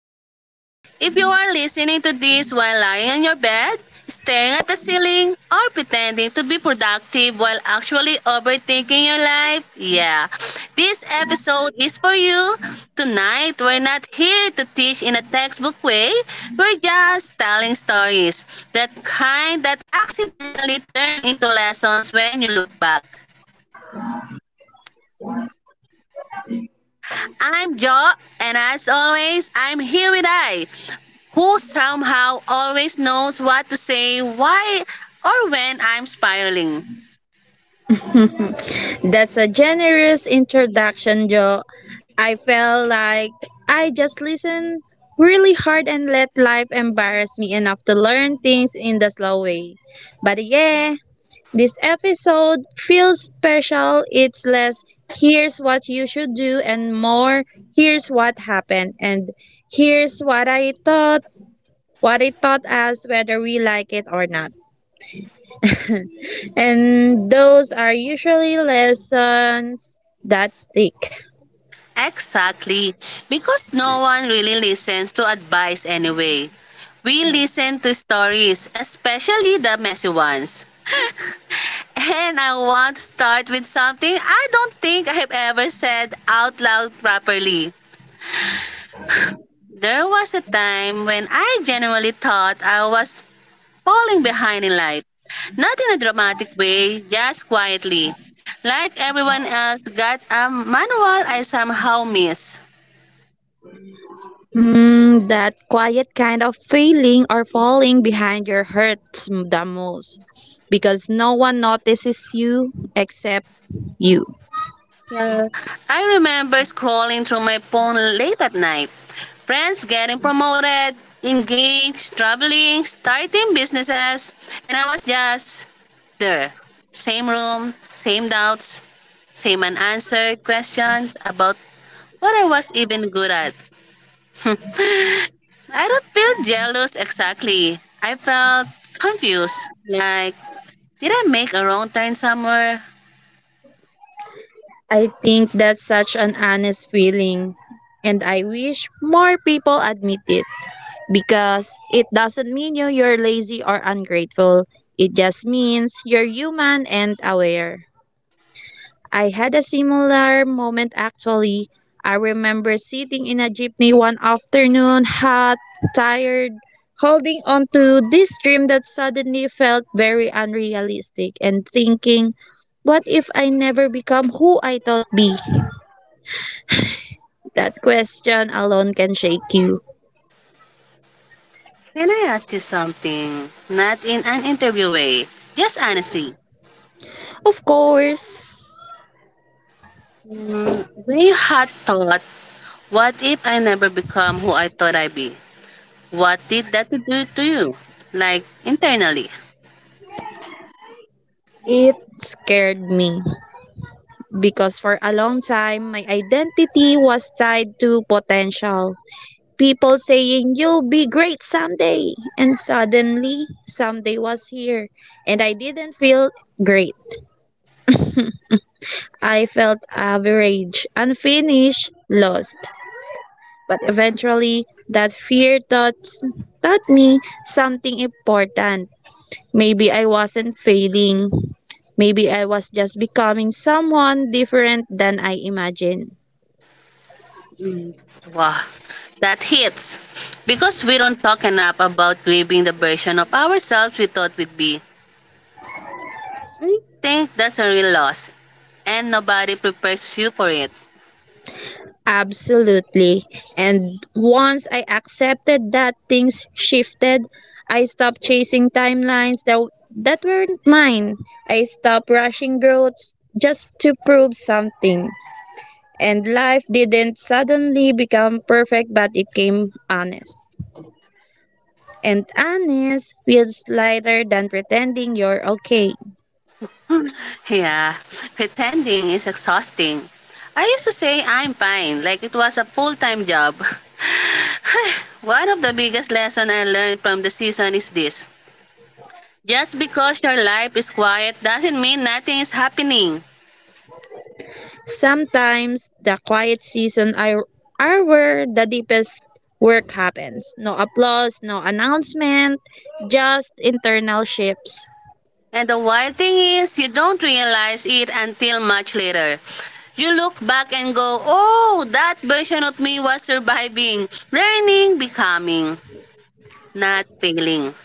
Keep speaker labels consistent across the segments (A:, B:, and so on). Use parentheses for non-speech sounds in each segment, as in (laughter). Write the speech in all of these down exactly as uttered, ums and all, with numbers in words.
A: podcast. If you are listening to this while lying on your bed, staring at the ceiling, or pretending to be productive while actually overthinking your life, yeah, this episode is for you. Tonight, we're not here to teach in a textbook way, we're just telling stories. That kind that accidentally turn into lessons when you look back. I'm Jo, and as always, I'm here with I, who somehow always knows what to say, why, or when I'm spiraling.
B: That's a generous introduction, Joe. I felt like I just listened really hard and let life embarrass me enough to learn things in the slow way. But yeah, this episode feels special. It's less here's what you should do and more here's what happened and here's what I thought, what it taught us whether we like it or not. And those are usually lessons that stick.
A: Exactly, because no one really listens to advice anyway. We listen to stories, especially the messy ones. And I want to start with something I don't think I've ever said out loud properly. There was a time when I genuinely thought I was falling behind in life. Not in a dramatic way, just quietly. Like everyone else got a manual I somehow missed.
B: Mm, that quiet kind of feeling or falling behind your hurts m- the most because no one notices you except you.
A: Yeah. I remember scrolling through my phone late at night. Friends getting promoted, engaged, traveling, starting businesses, and I was just there. Same room, same doubts, same unanswered questions about what I was even good at. I don't feel jealous exactly. I felt confused. Like, did I make a wrong turn somewhere?
B: I think that's such an honest feeling and I wish more people admit it because it doesn't mean you you're lazy or ungrateful. It just means you're human and aware. I had a similar moment actually. I remember sitting in a jeepney one afternoon, hot, tired, holding on to this dream that suddenly felt very unrealistic and thinking, what if I never become who I thought be? That question alone can shake you.
A: Can I ask you something? Not in an interview way, just honestly.
B: Of course,
A: Mm, when you had thought, what if I never become who I thought I'd be? What did that do to you? Like internally.
B: it scared me because for a long time my identity was tied to potential. People saying, "You'll be great someday." And suddenly, someday was here. And I didn't feel great. I felt average, unfinished, lost. But eventually, that fear taught, taught me something important. Maybe I wasn't failing. Maybe I was just becoming someone different than I imagined.
A: Wow, that hits. Because we don't talk enough about grieving the version of ourselves we thought we'd be. I think that's a real loss, and nobody prepares you for it.
B: Absolutely. And once I accepted that things shifted, I stopped chasing timelines that that weren't mine. I stopped rushing growth just to prove something. And life didn't suddenly become perfect, but it came honest. And honest feels lighter than pretending you're okay.
A: Yeah, pretending is exhausting. I used to say I'm fine, like it was a full-time job. (sighs) One of the biggest lessons I learned from the season is this. Just because your life is quiet doesn't mean nothing is happening.
B: Sometimes the quiet season are, are where the deepest work happens. No applause, no announcement, just internal shifts.
A: And the wild thing is, you don't realize it until much later. You look back and go, oh, that version of me was surviving, learning, becoming, not failing.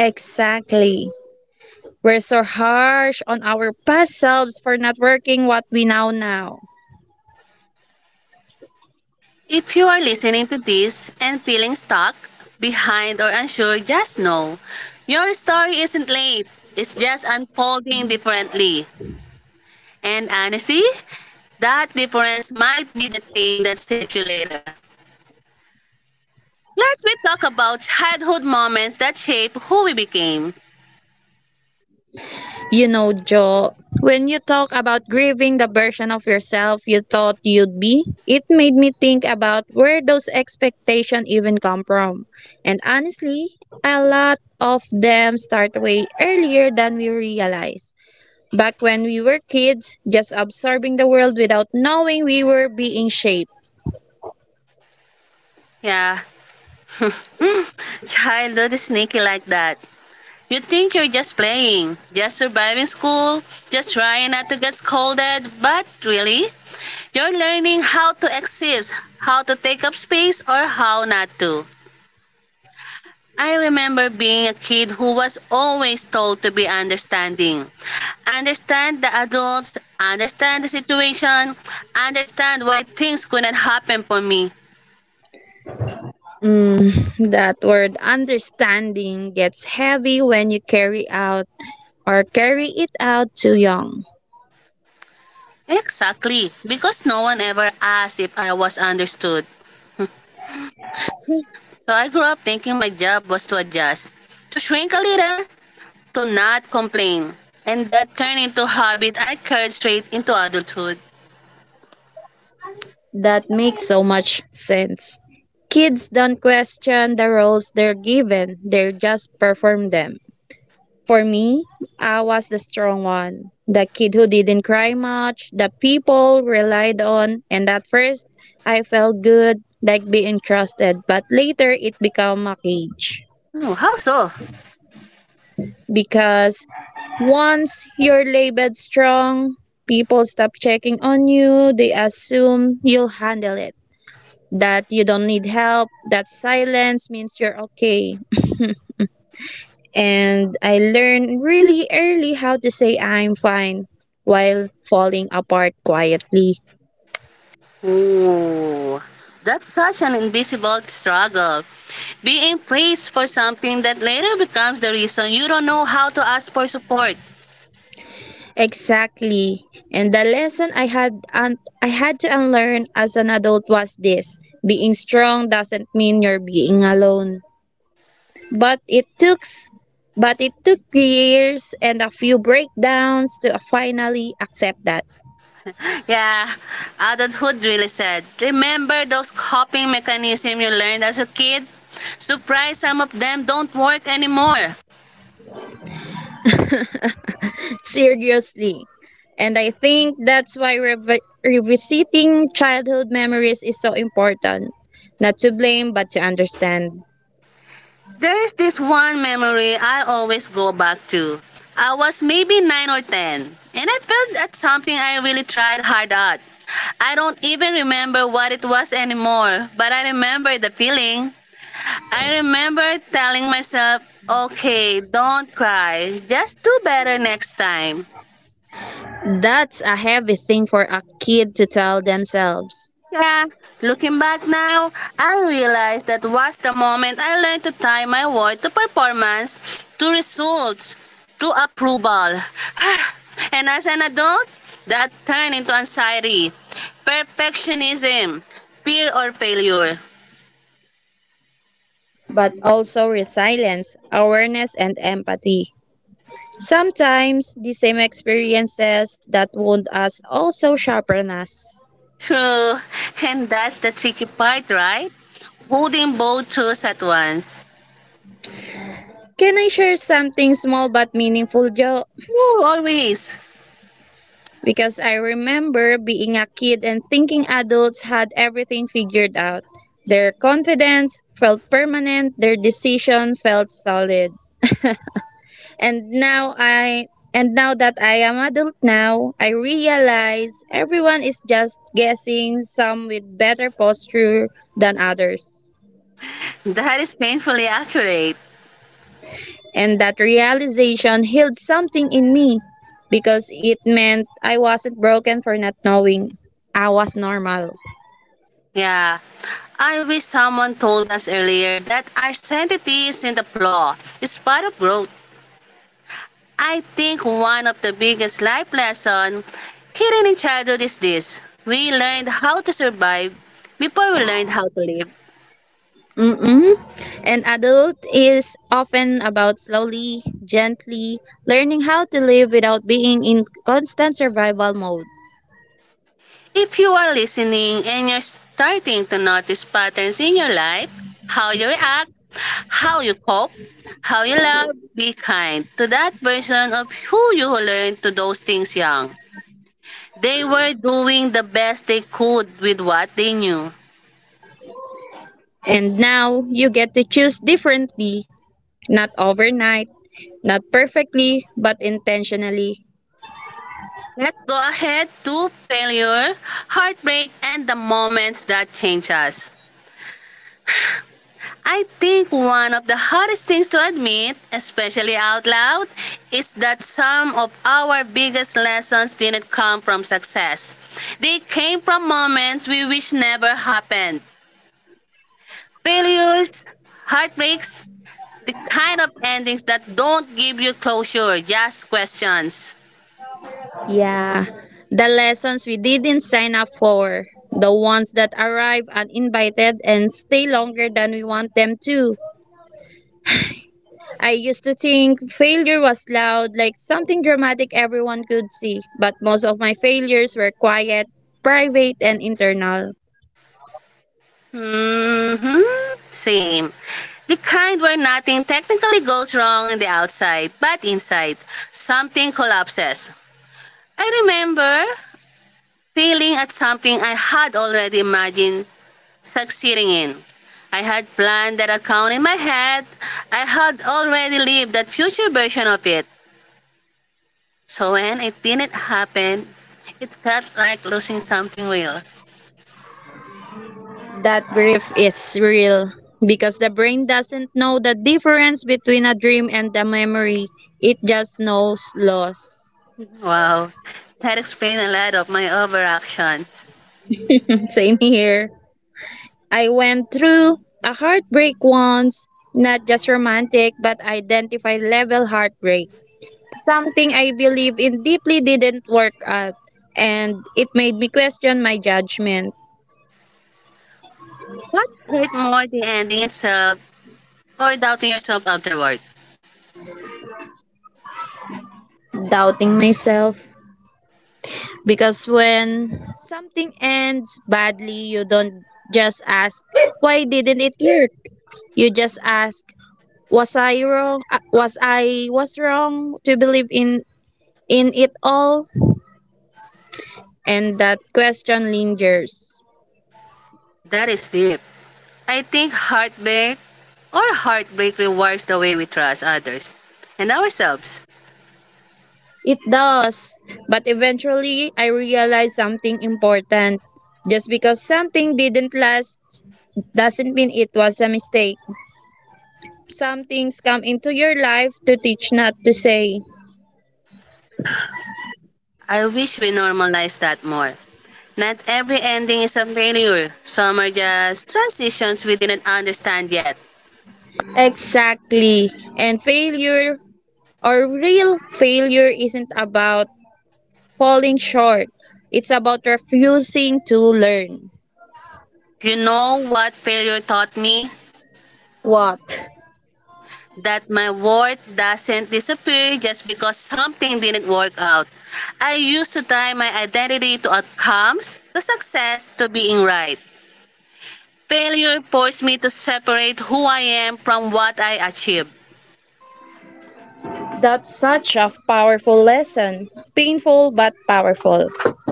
B: Exactly. We're so harsh on our past selves for not working what we now know.
A: If you are listening to this and feeling stuck, behind, or unsure, just know your story isn't late. It's just unfolding differently. And honestly, that difference might be the thing that saves you later. Let's we talk about childhood moments that shape who we became.
B: You know, Joe, when you talk about grieving the version of yourself you thought you'd be, it made me think about where those expectations even come from. And honestly, a lot of them start way earlier than we realize. Back when we were kids, just absorbing the world without knowing we were being shaped.
A: Yeah, childhood is sneaky like that. You think you're just playing, just surviving school, just trying not to get scolded, but really, you're learning how to exist, how to take up space, or how not to. I remember being a kid who was always told to be understanding. Understand the adults, understand the situation, understand why things couldn't happen for me.
B: Mm, that word understanding gets heavy when you carry out or carry it out too young.
A: Exactly, because no one ever asked if I was understood. So I grew up thinking my job was to adjust, to shrink a little, to not complain. And that turned into a habit I carried straight into adulthood.
B: That makes so much sense. Kids don't question the roles they're given, they just perform them. For me, I was the strong one, the kid who didn't cry much, the people relied on, and at first I felt good, like being trusted, but later it became a cage.
A: Hmm, how so?
B: Because once you're labeled strong, people stop checking on you. They assume you'll handle it, that you don't need help, that silence means you're okay. And I learned really early how to say I'm fine while falling apart quietly.
A: Ooh, that's such an invisible struggle. Being praised for something that later becomes the reason you don't know how to ask for support.
B: Exactly. And the lesson I had un- I had to unlearn as an adult was this. Being strong doesn't mean you're being alone. but it took s- but it took years and a few breakdowns to finally accept that.
A: Yeah, adulthood really said. Remember those coping mechanisms you learned as a kid? Surprise, some of them don't work anymore.
B: (laughs) Seriously, and I think that's why revi- revisiting childhood memories is so important, not to blame but to understand.
A: There's this one memory I always go back to. I was maybe nine or ten, and I felt at something I really tried hard at. I don't even remember what it was anymore, but I remember the feeling. I remember telling myself, okay, don't cry, just do better next time.
B: That's a heavy thing for a kid to tell themselves,
A: Yeah, looking back now, I realize that was the moment I learned to tie my worth to performance, to results, to approval. (sighs) And as an adult, that turned into anxiety, perfectionism, fear or failure.
B: but also resilience, awareness, and empathy. Sometimes the same experiences that wound us also sharpen us.
A: True, (laughs) and that's the tricky part, right? Holding both truths at once.
B: Can I share something small but meaningful, Joe?
A: Ooh, always.
B: Because I remember being a kid and thinking adults had everything figured out. Their confidence felt permanent, their decision felt solid. And now I and now that I am adult now, I realize everyone is just guessing, some with better posture than others.
A: That is painfully accurate.
B: And that realization healed something in me because it meant I wasn't broken for not knowing I was normal.
A: Yeah. I wish someone told us earlier that our sanctity isn't a flaw. It's part of growth. I think one of the biggest life lessons hidden in childhood is this. We learned how to survive before we learned how to live.
B: Mm-mm. And adult is often about slowly, gently learning how to live without being in constant survival mode.
A: If you are listening and you're starting to notice patterns in your life, how you react, how you cope, how you love, be kind to that version of who you learned to those things young. They were doing the best they could with what they knew.
B: And now you get to choose differently, not overnight, not perfectly, but intentionally.
A: Let's go ahead to failure, heartbreak, and the moments that change us. I think one of the hardest things to admit, especially out loud, is that some of our biggest lessons didn't come from success. They came from moments we wish never happened. Failures, heartbreaks, the kind of endings that don't give you closure, just questions.
B: Yeah, the lessons we didn't sign up for, the ones that arrive uninvited and stay longer than we want them to. I used to think failure was loud, like something dramatic everyone could see, but most of my failures were quiet, private, and internal.
A: Mm-hmm. Same. The kind where nothing technically goes wrong on the outside, but inside, something collapses. I remember failing at something I had already imagined succeeding in. I had planned that account in my head. I had already lived that future version of it. So when it didn't happen, it felt like losing something real.
B: That grief is real because the brain doesn't know the difference between a dream and a memory, it just knows loss.
A: Wow, that explained a lot of my overactions.
B: (laughs) Same here. I went through a heartbreak once, not just romantic, but identify level heartbreak. Something I believe in deeply didn't work out, and it made me question my judgment.
A: What hurt more, the ending itself or doubting yourself afterward?
B: Doubting myself. Because when something ends badly, you don't just ask, why didn't it work? You just ask, was I wrong? Uh, Was I was wrong to believe in in it all? And that question lingers.
A: That is deep. I think heartbreak or heartbreak rewards the way we trust others and ourselves.
B: It does. But eventually, I realized something important. Just because something didn't last doesn't mean it was a mistake. Some things come into your life to teach not to say.
A: I wish we normalize that more. Not every ending is a failure. Some are just transitions we didn't understand yet.
B: Exactly. And failure or real failure isn't about falling short. It's about refusing to learn.
A: You know what failure taught me?
B: What?
A: That my worth doesn't disappear just because something didn't work out. I used to tie my identity to outcomes, to success, to being right. Failure forced me to separate who I am from what I achieved.
B: That's such a powerful lesson. Painful but powerful.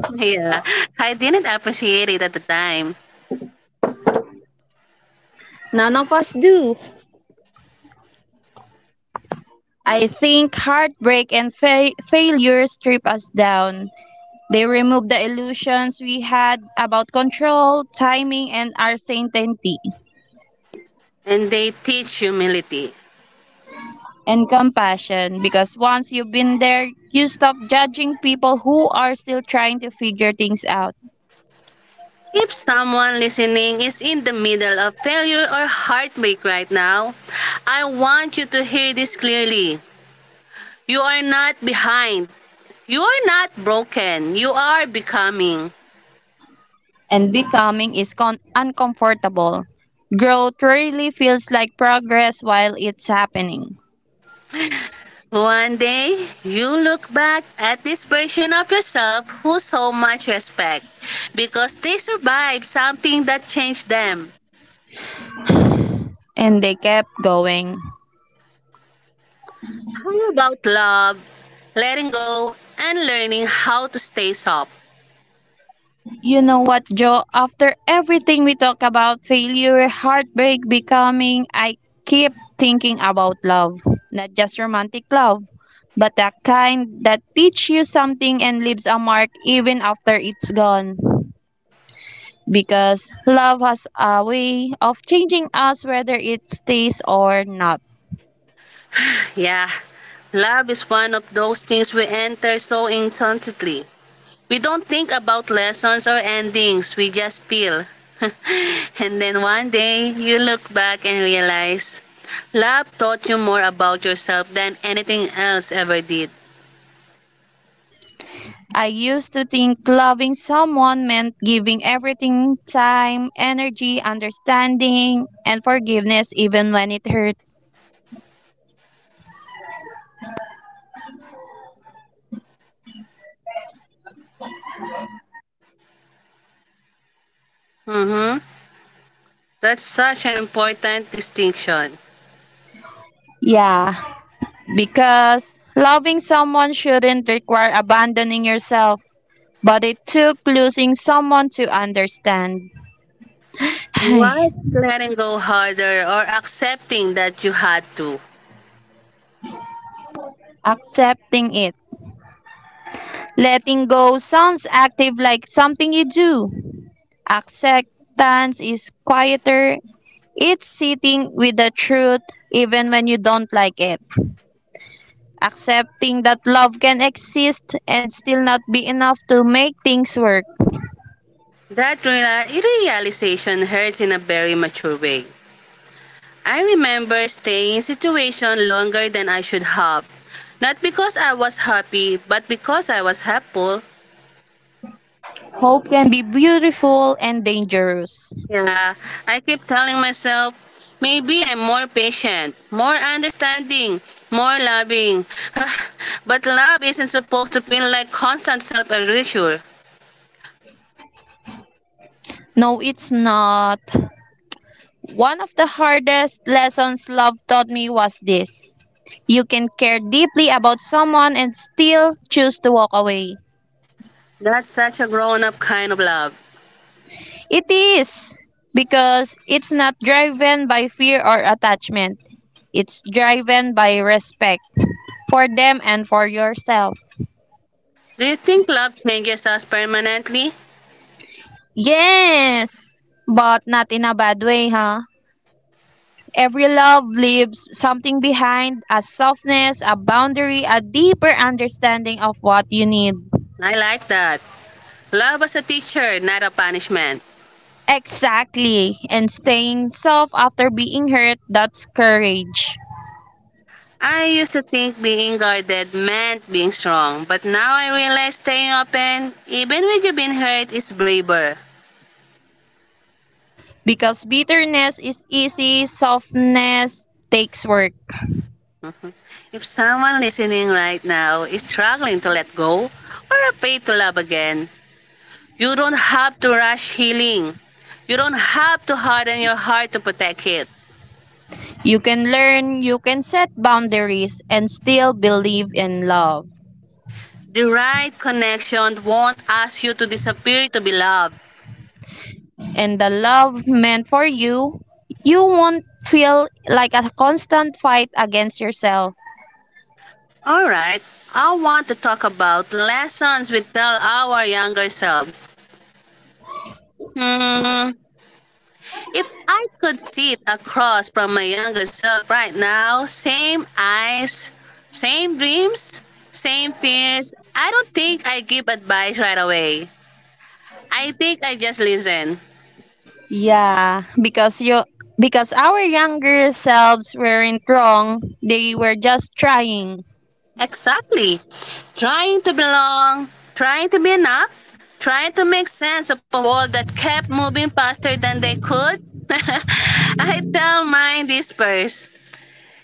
A: Yeah, I didn't appreciate it at the time.
B: None of us do. I think heartbreak and fa- failure strip us down. They remove the illusions we had about control, timing, and our certainty
A: And they teach humility.
B: and compassion. Because once you've been there, you stop judging people who are still trying to figure things out,
A: If someone listening is in the middle of failure or heartbreak right now, I want you to hear this clearly. You are not behind. You are not broken. You are becoming.
B: and becoming is con- uncomfortable. Growth really feels like progress while it's happening.
A: One day, you look back at this version of yourself who so much respect because they survived something that changed them.
B: And they kept going.
A: How about love, letting go, and learning how to stay soft?
B: You know what, Joe? After everything we talk about failure, heartbreak, becoming, I keep thinking about love. Not just romantic love, but the kind that teach you something and leaves a mark even after it's gone. Because love has a way of changing us whether it stays or not.
A: Yeah, love is one of those things we enter so instantly. We don't think about lessons or endings, we just feel. (laughs) And then one day, you look back and realize love taught you more about yourself than anything else ever did.
B: I used to think loving someone meant giving everything time, energy, understanding, and forgiveness even when it hurt.
A: Mm-hmm. That's such an important distinction.
B: Yeah, because loving someone shouldn't require abandoning yourself, but it took losing someone to understand. Ay,
A: What letting go harder or accepting that you had to?
B: accepting it. Letting go sounds active like something you do. Acceptance is quieter. It's sitting with the truth even when you don't like it. Accepting that love can exist and still not be enough to make things work
A: That reali- realization hurts in a very mature way. I remember staying in situation longer than I should have. Not because I was happy, but because I was helpful.
B: can be beautiful and dangerous.
A: Yeah, I keep telling myself, maybe I'm more patient, more understanding, more loving. (sighs) But love isn't supposed to feel like constant self-erasure.
B: No, it's not. One of the hardest lessons love taught me was this. You can care deeply about someone and still choose to walk away.
A: That's such a grown-up kind of love.
B: It is because it's not driven by fear or attachment. It's driven by respect for them and for yourself.
A: Do you think love changes us permanently?
B: Yes, but not in a bad way, huh? Every love leaves something behind, a softness, a boundary, a deeper understanding of what you need.
A: I like that. Love as a teacher, not a punishment.
B: Exactly. And staying soft after being hurt, that's courage.
A: I used to think being guarded meant being strong, but now I realize staying open, even when you've been hurt, is braver.
B: Because bitterness is easy, softness takes work.
A: If someone listening right now is struggling to let go or afraid to love again, you don't have to rush healing. You don't have to harden your heart to protect it.
B: You can learn, you can set boundaries, and still believe in love.
A: The right connection won't ask you to disappear to be loved.
B: And the love meant for you, you won't feel like a constant fight against yourself.
A: All right, I want to talk about lessons we tell our younger selves. Hmm, If I could sit across from my younger self right now, same eyes, same dreams, same fears, I don't think I give advice right away. I think I just listen.
B: Yeah, because you because our younger selves weren't wrong. They were just trying.
A: Exactly. Trying to belong, trying to be enough, trying to make sense of a world that kept moving faster than they could. (laughs) I tell mine this first.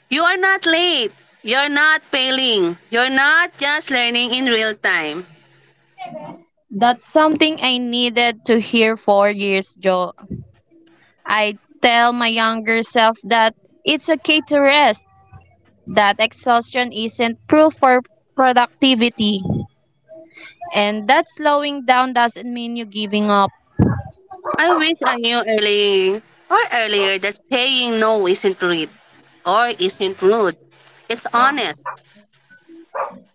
A: You are not late. You're not failing. You're not just learning in real time.
B: That's something I needed to hear four years ago. I tell my younger self that it's okay to rest. That exhaustion isn't proof for productivity. And that slowing down doesn't mean you giving up.
A: I wish I knew early or earlier that saying no isn't rude or isn't rude. It's honest.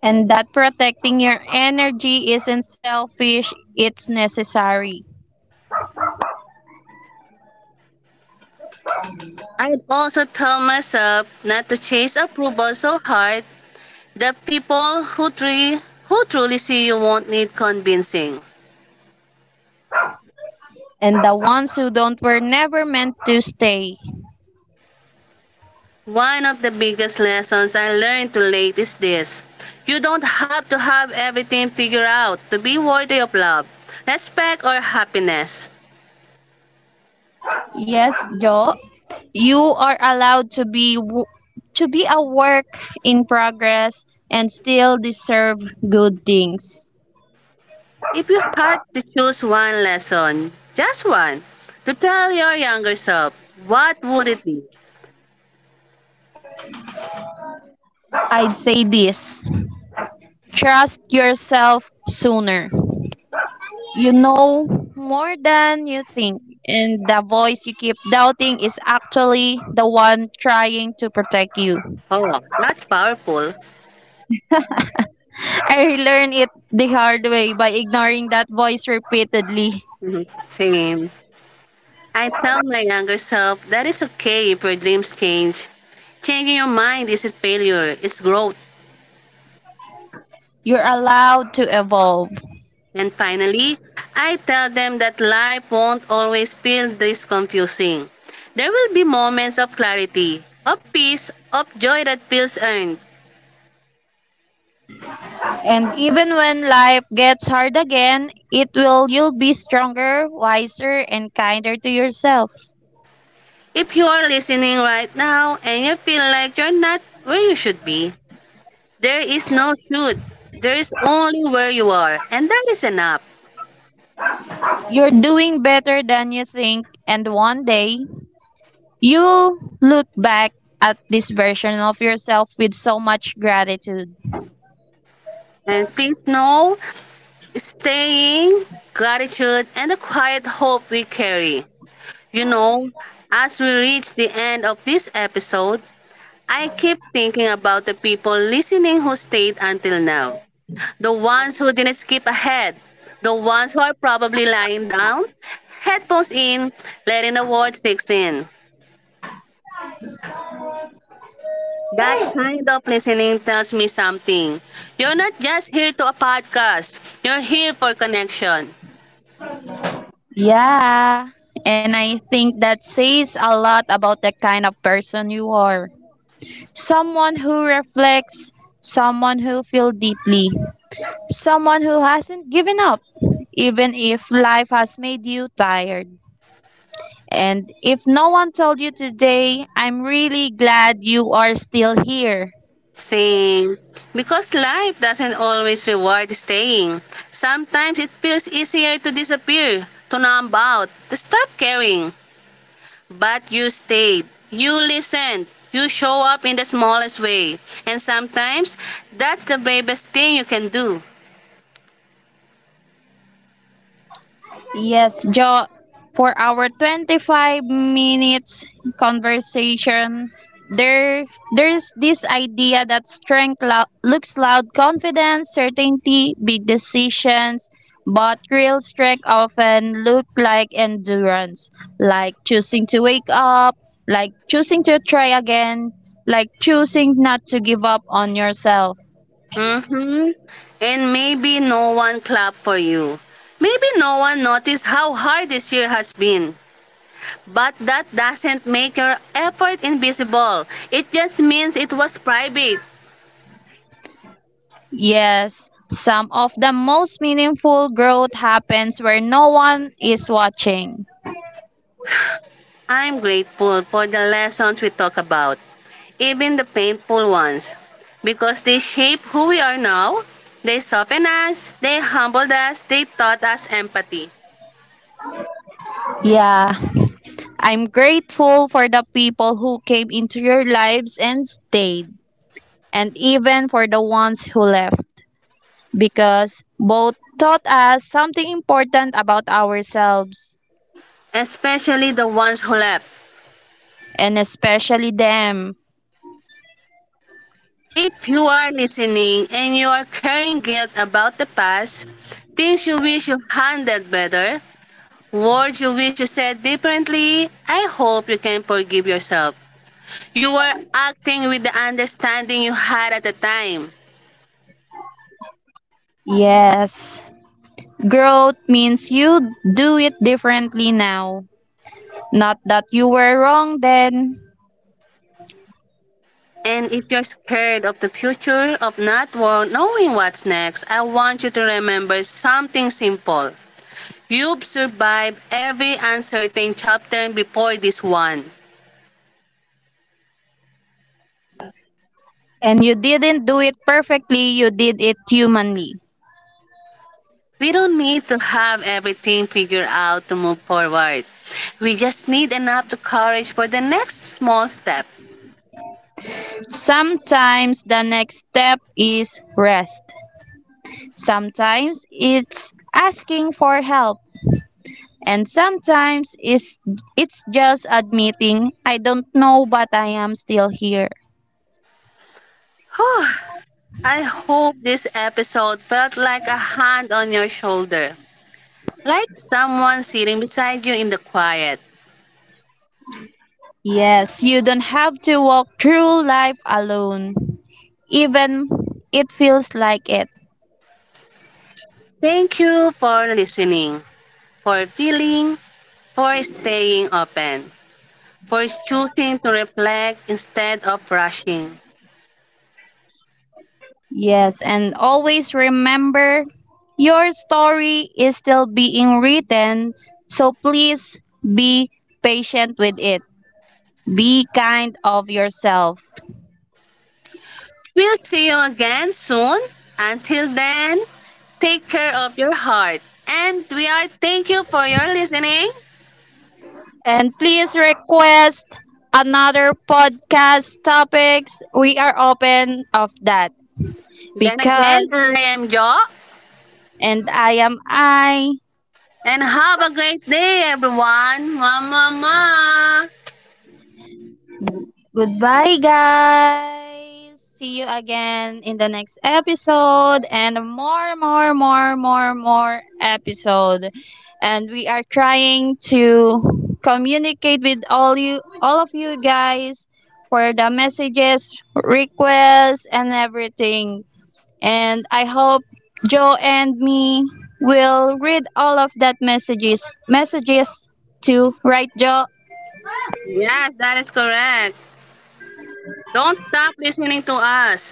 B: And that protecting your energy isn't selfish, it's necessary.
A: I'd also tell myself not to chase approval so hard that people who, tre- who truly see you won't need convincing.
B: And the ones who don't were never meant to stay.
A: One of the biggest lessons I learned too late is this. You don't have to have everything figured out to be worthy of love, respect, or happiness.
B: Yes, Joe. You are allowed to be w- to be a work in progress and still deserve good things.
A: If you had to choose one lesson, just one, to tell your younger self, what would it be?
B: I'd say this. Trust yourself sooner. You know more than you think. And the voice you keep doubting is actually the one trying to protect you.
A: Oh, that's powerful.
B: I learned it the hard way by ignoring that voice repeatedly.
A: Mhm. Same. I tell my younger self that it's okay if your dreams change. Changing your mind isn't failure, it's growth.
B: You're allowed to evolve.
A: And finally, I tell them that life won't always feel this confusing. There will be moments of clarity, of peace, of joy that feels earned.
B: And even when life gets hard again, it will, you'll be stronger, wiser, and kinder to yourself.
A: If you are listening right now and you feel like you're not where you should be, there is no should. There is only where you are, and that is enough.
B: You're doing better than you think, and one day you'll look back at this version of yourself with so much gratitude.
A: And please know, staying, gratitude, and the quiet hope we carry. You know, as we reach the end of this episode, I keep thinking about the people listening who stayed until now. The ones who didn't skip ahead, the ones who are probably lying down, headphones in, letting the words sink in. That kind of listening tells me something. You're not just here to a podcast, you're here for connection.
B: Yeah. And I think that says a lot about the kind of person you are. Someone who reflects, someone who feels deeply, someone who hasn't given up, even if life has made you tired. And if no one told you today, I'm really glad you are still here.
A: Same. Because life doesn't always reward staying. Sometimes it feels easier to disappear, to numb out, to stop caring. But you stayed. You listened. You show up in the smallest way. And sometimes, that's the bravest thing you can do.
B: Yes, Jo, for our twenty-five minutes conversation, there there's this idea that strength lo- looks loud, confidence, certainty, big decisions, but real strength often look like endurance, like choosing to wake up, like choosing to try again, like choosing not to give up on yourself.
A: And maybe no one clapped for you. Maybe no one noticed how hard this year has been. But that doesn't make your effort invisible. It just means it was private.
B: Yes, some of the most meaningful growth happens where no one is watching.
A: I'm grateful for the lessons we talk about, even the painful ones, because they shape who we are now. They soften us, they humbled us, they taught us empathy,
B: I'm grateful for the people who came into your lives and stayed, and even for the ones who left, because both taught us something important about ourselves,
A: especially the ones who left.
B: and especially them.
A: If you are listening and you are carrying guilt about the past, things you wish you handled better, words you wish you said differently, I hope you can forgive yourself. You were acting with the understanding you had at the time.
B: Yes, growth means you do it differently now. Not that you were wrong then.
A: And if you're scared of the future, of not wo- knowing what's next, I want you to remember something simple. You've survived every uncertain chapter before this one.
B: And you didn't do it perfectly, you did it humanly.
A: We don't need to have everything figured out to move forward. We just need enough to courage for the next small step.
B: Sometimes the next step is rest. Sometimes it's asking for help. And sometimes it's, it's just admitting, I don't know, but I am still here.
A: Whew. I hope this episode felt like a hand on your shoulder, like someone sitting beside you in the quiet.
B: Yes, you don't have to walk through life alone, even it feels like it.
A: Thank you for listening, for feeling, for staying open, for choosing to reflect instead of rushing.
B: Yes, and always remember your story is still being written, so please be patient with it. Be kind of yourself.
A: We'll see you again soon. Until then, take care of your heart. And we are thank you for your listening.
B: And please request another podcast topics. We are open of that
A: Then again,
B: because
A: I am Jo.
B: and I am I.
A: And have a great day, everyone. Mama, ma.
B: Goodbye, guys. See you again in the next episode and more, more, more, more, more episode. And we are trying to communicate with all you, all of you guys for the messages, requests, and everything. And I hope Joe and me will read all of that messages, messages to right, Joe?
A: Yes, that is correct. Don't stop listening to us.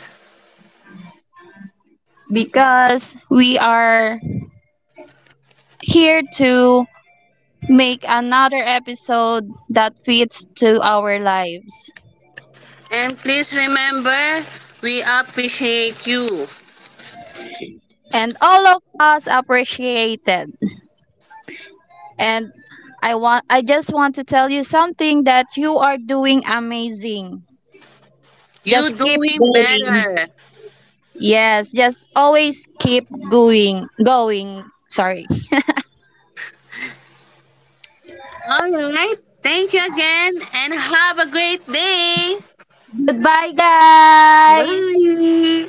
B: Because we are here to make another episode that fits to our lives.
A: And please remember, we appreciate you.
B: And all of us appreciate it. And I want I just want to tell you something, that you are doing amazing. Just
A: You
B: keep
A: doing
B: going.
A: better.
B: Yes, just always keep going. Going. Sorry.
A: All right. Thank you again and have a great day.
B: Goodbye guys.
A: Bye.